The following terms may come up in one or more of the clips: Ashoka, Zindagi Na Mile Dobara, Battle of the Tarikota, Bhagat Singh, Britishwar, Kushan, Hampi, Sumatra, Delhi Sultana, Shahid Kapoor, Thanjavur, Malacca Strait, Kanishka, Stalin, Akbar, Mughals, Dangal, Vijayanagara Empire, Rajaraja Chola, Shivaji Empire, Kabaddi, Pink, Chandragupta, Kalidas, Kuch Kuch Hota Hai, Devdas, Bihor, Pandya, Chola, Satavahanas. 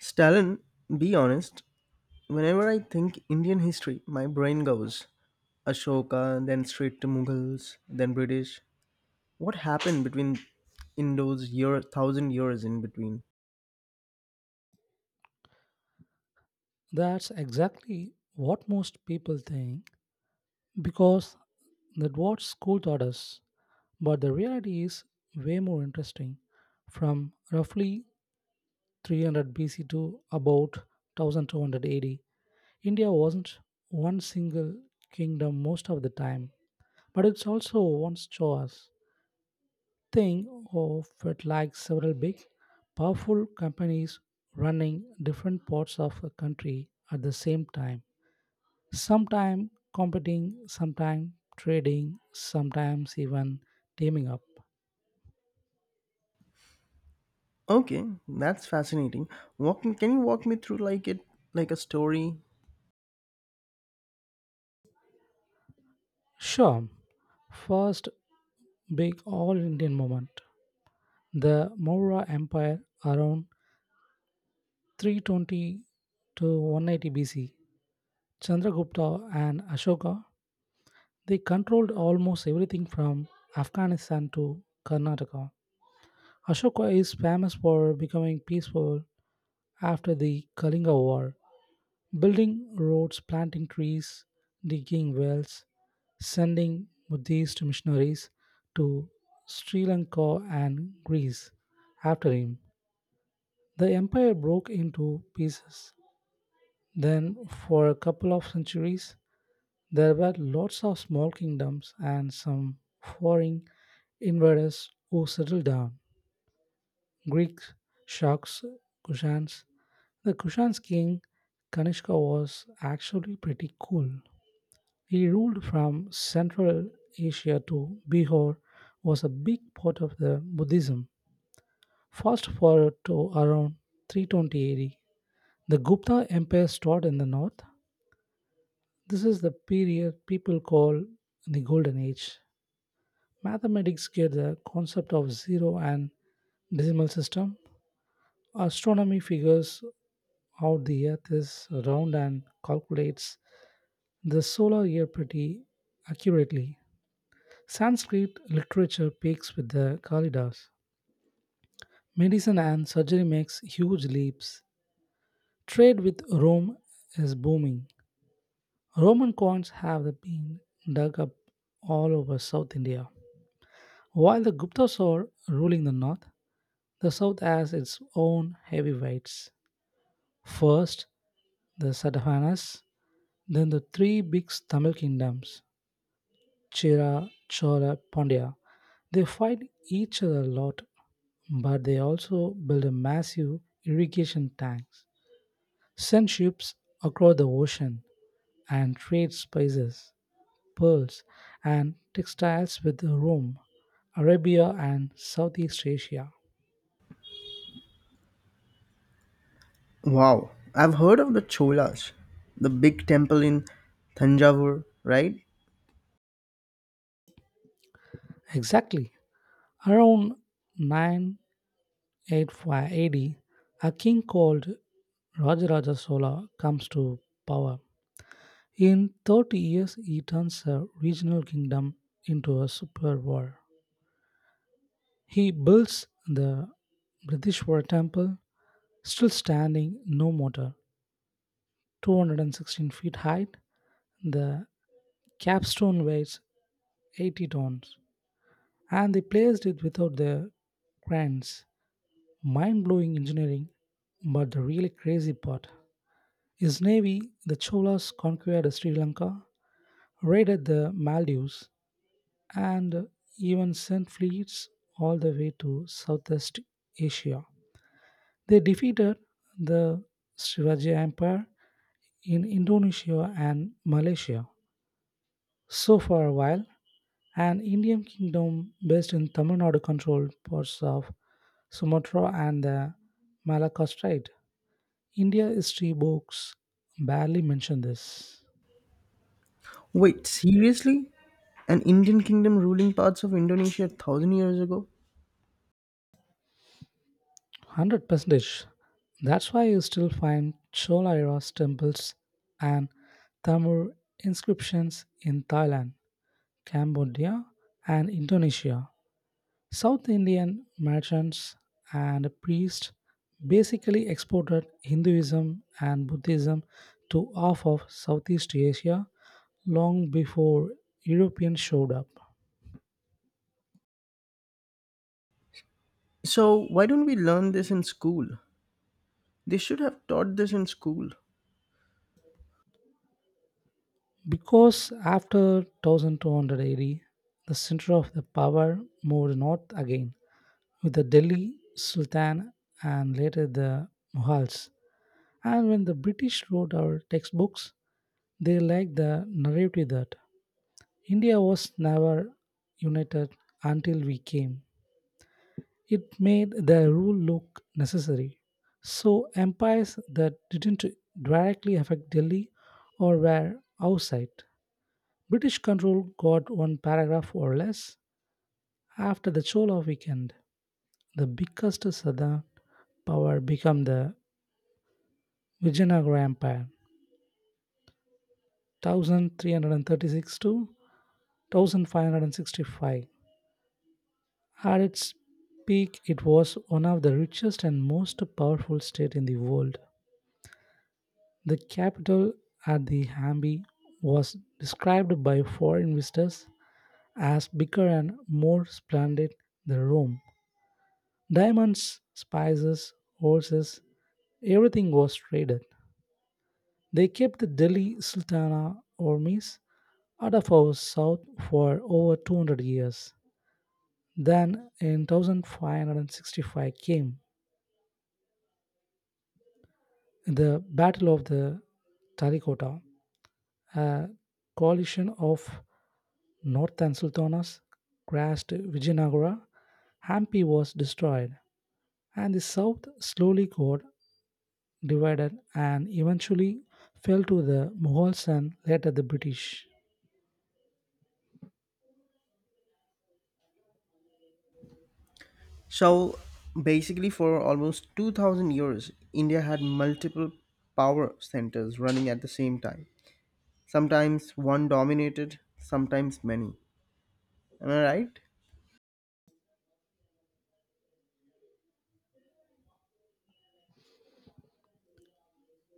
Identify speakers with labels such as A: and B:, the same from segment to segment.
A: Stalin, be honest. Whenever I think Indian history, my brain goes Ashoka, then straight to Mughals, then British. What happened between in those year thousand years in between?
B: That's exactly what most people think because that what school taught us. But the reality is way more interesting. From roughly 300 BC to about 1200 AD, India wasn't one single kingdom most of the time, but it's also one's choice. Think of it like several big, powerful companies running different parts of a country at the same time. Sometimes competing, sometimes trading, sometimes even teaming up.
A: Okay, that's fascinating. Can you walk me through like it like a story?
B: Sure, first big all Indian movement. The Maurya Empire around 320 to 180 BC, Chandragupta and Ashoka. They controlled almost everything from Afghanistan to Karnataka. Ashoka is famous for becoming peaceful after the Kalinga War, building roads, planting trees, digging wells, sending Buddhist missionaries to Sri Lanka and Greece after him. The empire broke into pieces. Then, for a couple of centuries, there were lots of small kingdoms and some foreign invaders who settled down. Greeks, Shaks, Kushans. The Kushan's king Kanishka was actually pretty cool. He ruled from Central Asia to Bihor, was a big part of the Buddhism. Fast forward to around 320 AD. The Gupta Empire started in the north. This is the period people call the Golden Age. Mathematics gets the concept of zero and decimal system. Astronomy figures out the earth is round and calculates the solar year pretty accurately. Sanskrit literature peaks with the Kalidas. Medicine and surgery makes huge leaps. Trade with Rome is booming. Roman coins have been dug up all over South India. While the Guptas are ruling the north, the South has its own heavyweights. First, the Satavahanas, then the three big Tamil kingdoms, Chira, Chola, Pandya. They fight each other a lot, but they also build a massive irrigation tanks, send ships across the ocean, and trade spices, pearls, and textiles with Rome, Arabia, and Southeast Asia.
A: Wow, I've heard of the Cholas, the big temple in Thanjavur, right?
B: Exactly. Around nine. 85 AD, a king called Rajaraja Chola comes to power. In 30 years, he turns a regional kingdom into a superpower. He builds the Britishwar temple, still standing, no mortar, 216 feet height. The capstone weighs 80 tons, and they placed it without the crans. Mind blowing engineering, but the really crazy part: his navy, the Cholas conquered Sri Lanka, raided the Maldives, and even sent fleets all the way to Southeast Asia. They defeated the Shivaji Empire in Indonesia and Malaysia. So, for a while, an Indian kingdom based in Tamil Nadu controlled parts of Sumatra and the Malacca Strait. India history books barely mention this.
A: Wait, seriously? An Indian kingdom ruling parts of Indonesia a thousand years ago?
B: Hundred percentage. That's why you still find Chola era temples and Tamil inscriptions in Thailand, Cambodia, and Indonesia. South Indian merchants and priests basically exported Hinduism and Buddhism to half of Southeast Asia long before Europeans showed up.
A: So, why don't we learn this in school? They should have taught this in school.
B: Because after 1200 AD, the center of the power moved north again with the Delhi Sultan and later the Mughals. And when the British wrote our textbooks, they liked the narrative that India was never united until we came. It made the rule look necessary. So empires that didn't directly affect Delhi or were outside British control got one paragraph or less. After the Chola weekend, the biggest southern power became the Vijayanagara Empire, 1336 to 1565. At its peak, it was one of the richest and most powerful state in the world. The capital at the Hampi was described by foreign visitors as bigger and more splendid than Rome. Diamonds, spices, horses, everything was traded. They kept the Delhi Sultana armies Adafo South for over 200 years. Then in 1565 came the Battle of the Tarikota. A coalition of northern sultanas crashed Vijayanagara. Hampi was destroyed, and the south slowly got divided and eventually fell to the Mughals and later the British.
A: So, basically, for almost 2000 years, India had multiple power centers running at the same time. Sometimes one dominated, sometimes many. Am I right?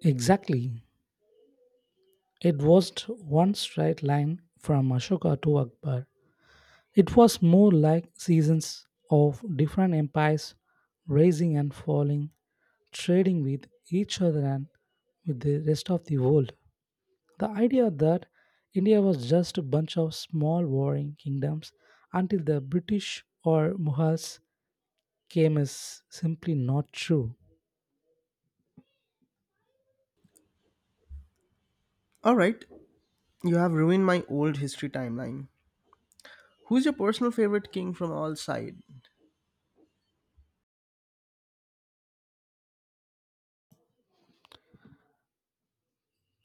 B: Exactly. It was one straight line from Ashoka to Akbar. It was more like seasons of different empires rising and falling, trading with each other and with the rest of the world. The idea that India was just a bunch of small warring kingdoms until the British or Mughals came is simply not true.
A: Alright, you have ruined my old history timeline. Who's your personal favorite king from all sides?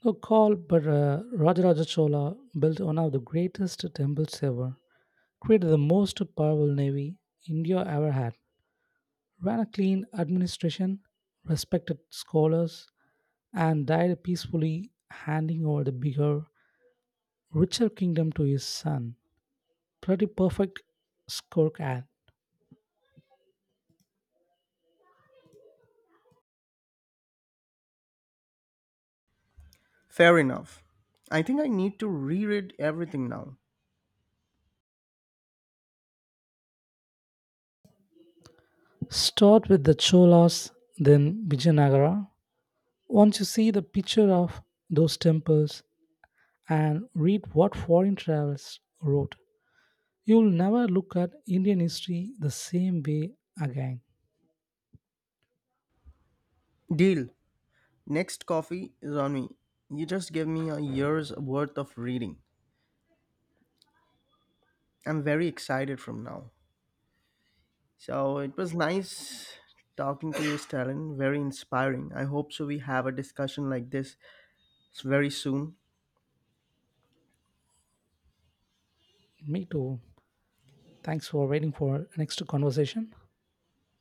B: No call, but Rajaraja Chola built one of the greatest temples ever, created the most powerful navy India ever had, ran a clean administration, respected scholars, and died peacefully, handing over the bigger, richer kingdom to his son. Pretty perfect scorecard.
A: Fair enough. I think I need to reread everything now.
B: Start with the Cholas, then Vijayanagara. Once you see the picture of those temples and read what foreign travelers wrote, you'll never look at Indian history the same way again.
A: Deal. Next coffee is on me. You just gave me a year's worth of reading. I'm very excited from now. So it was nice talking to you, Stalin. Very inspiring. I hope so we have a discussion like this very soon.
B: Me too. Thanks for waiting for next conversation.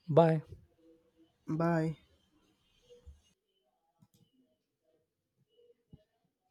B: Bye.
A: Bye.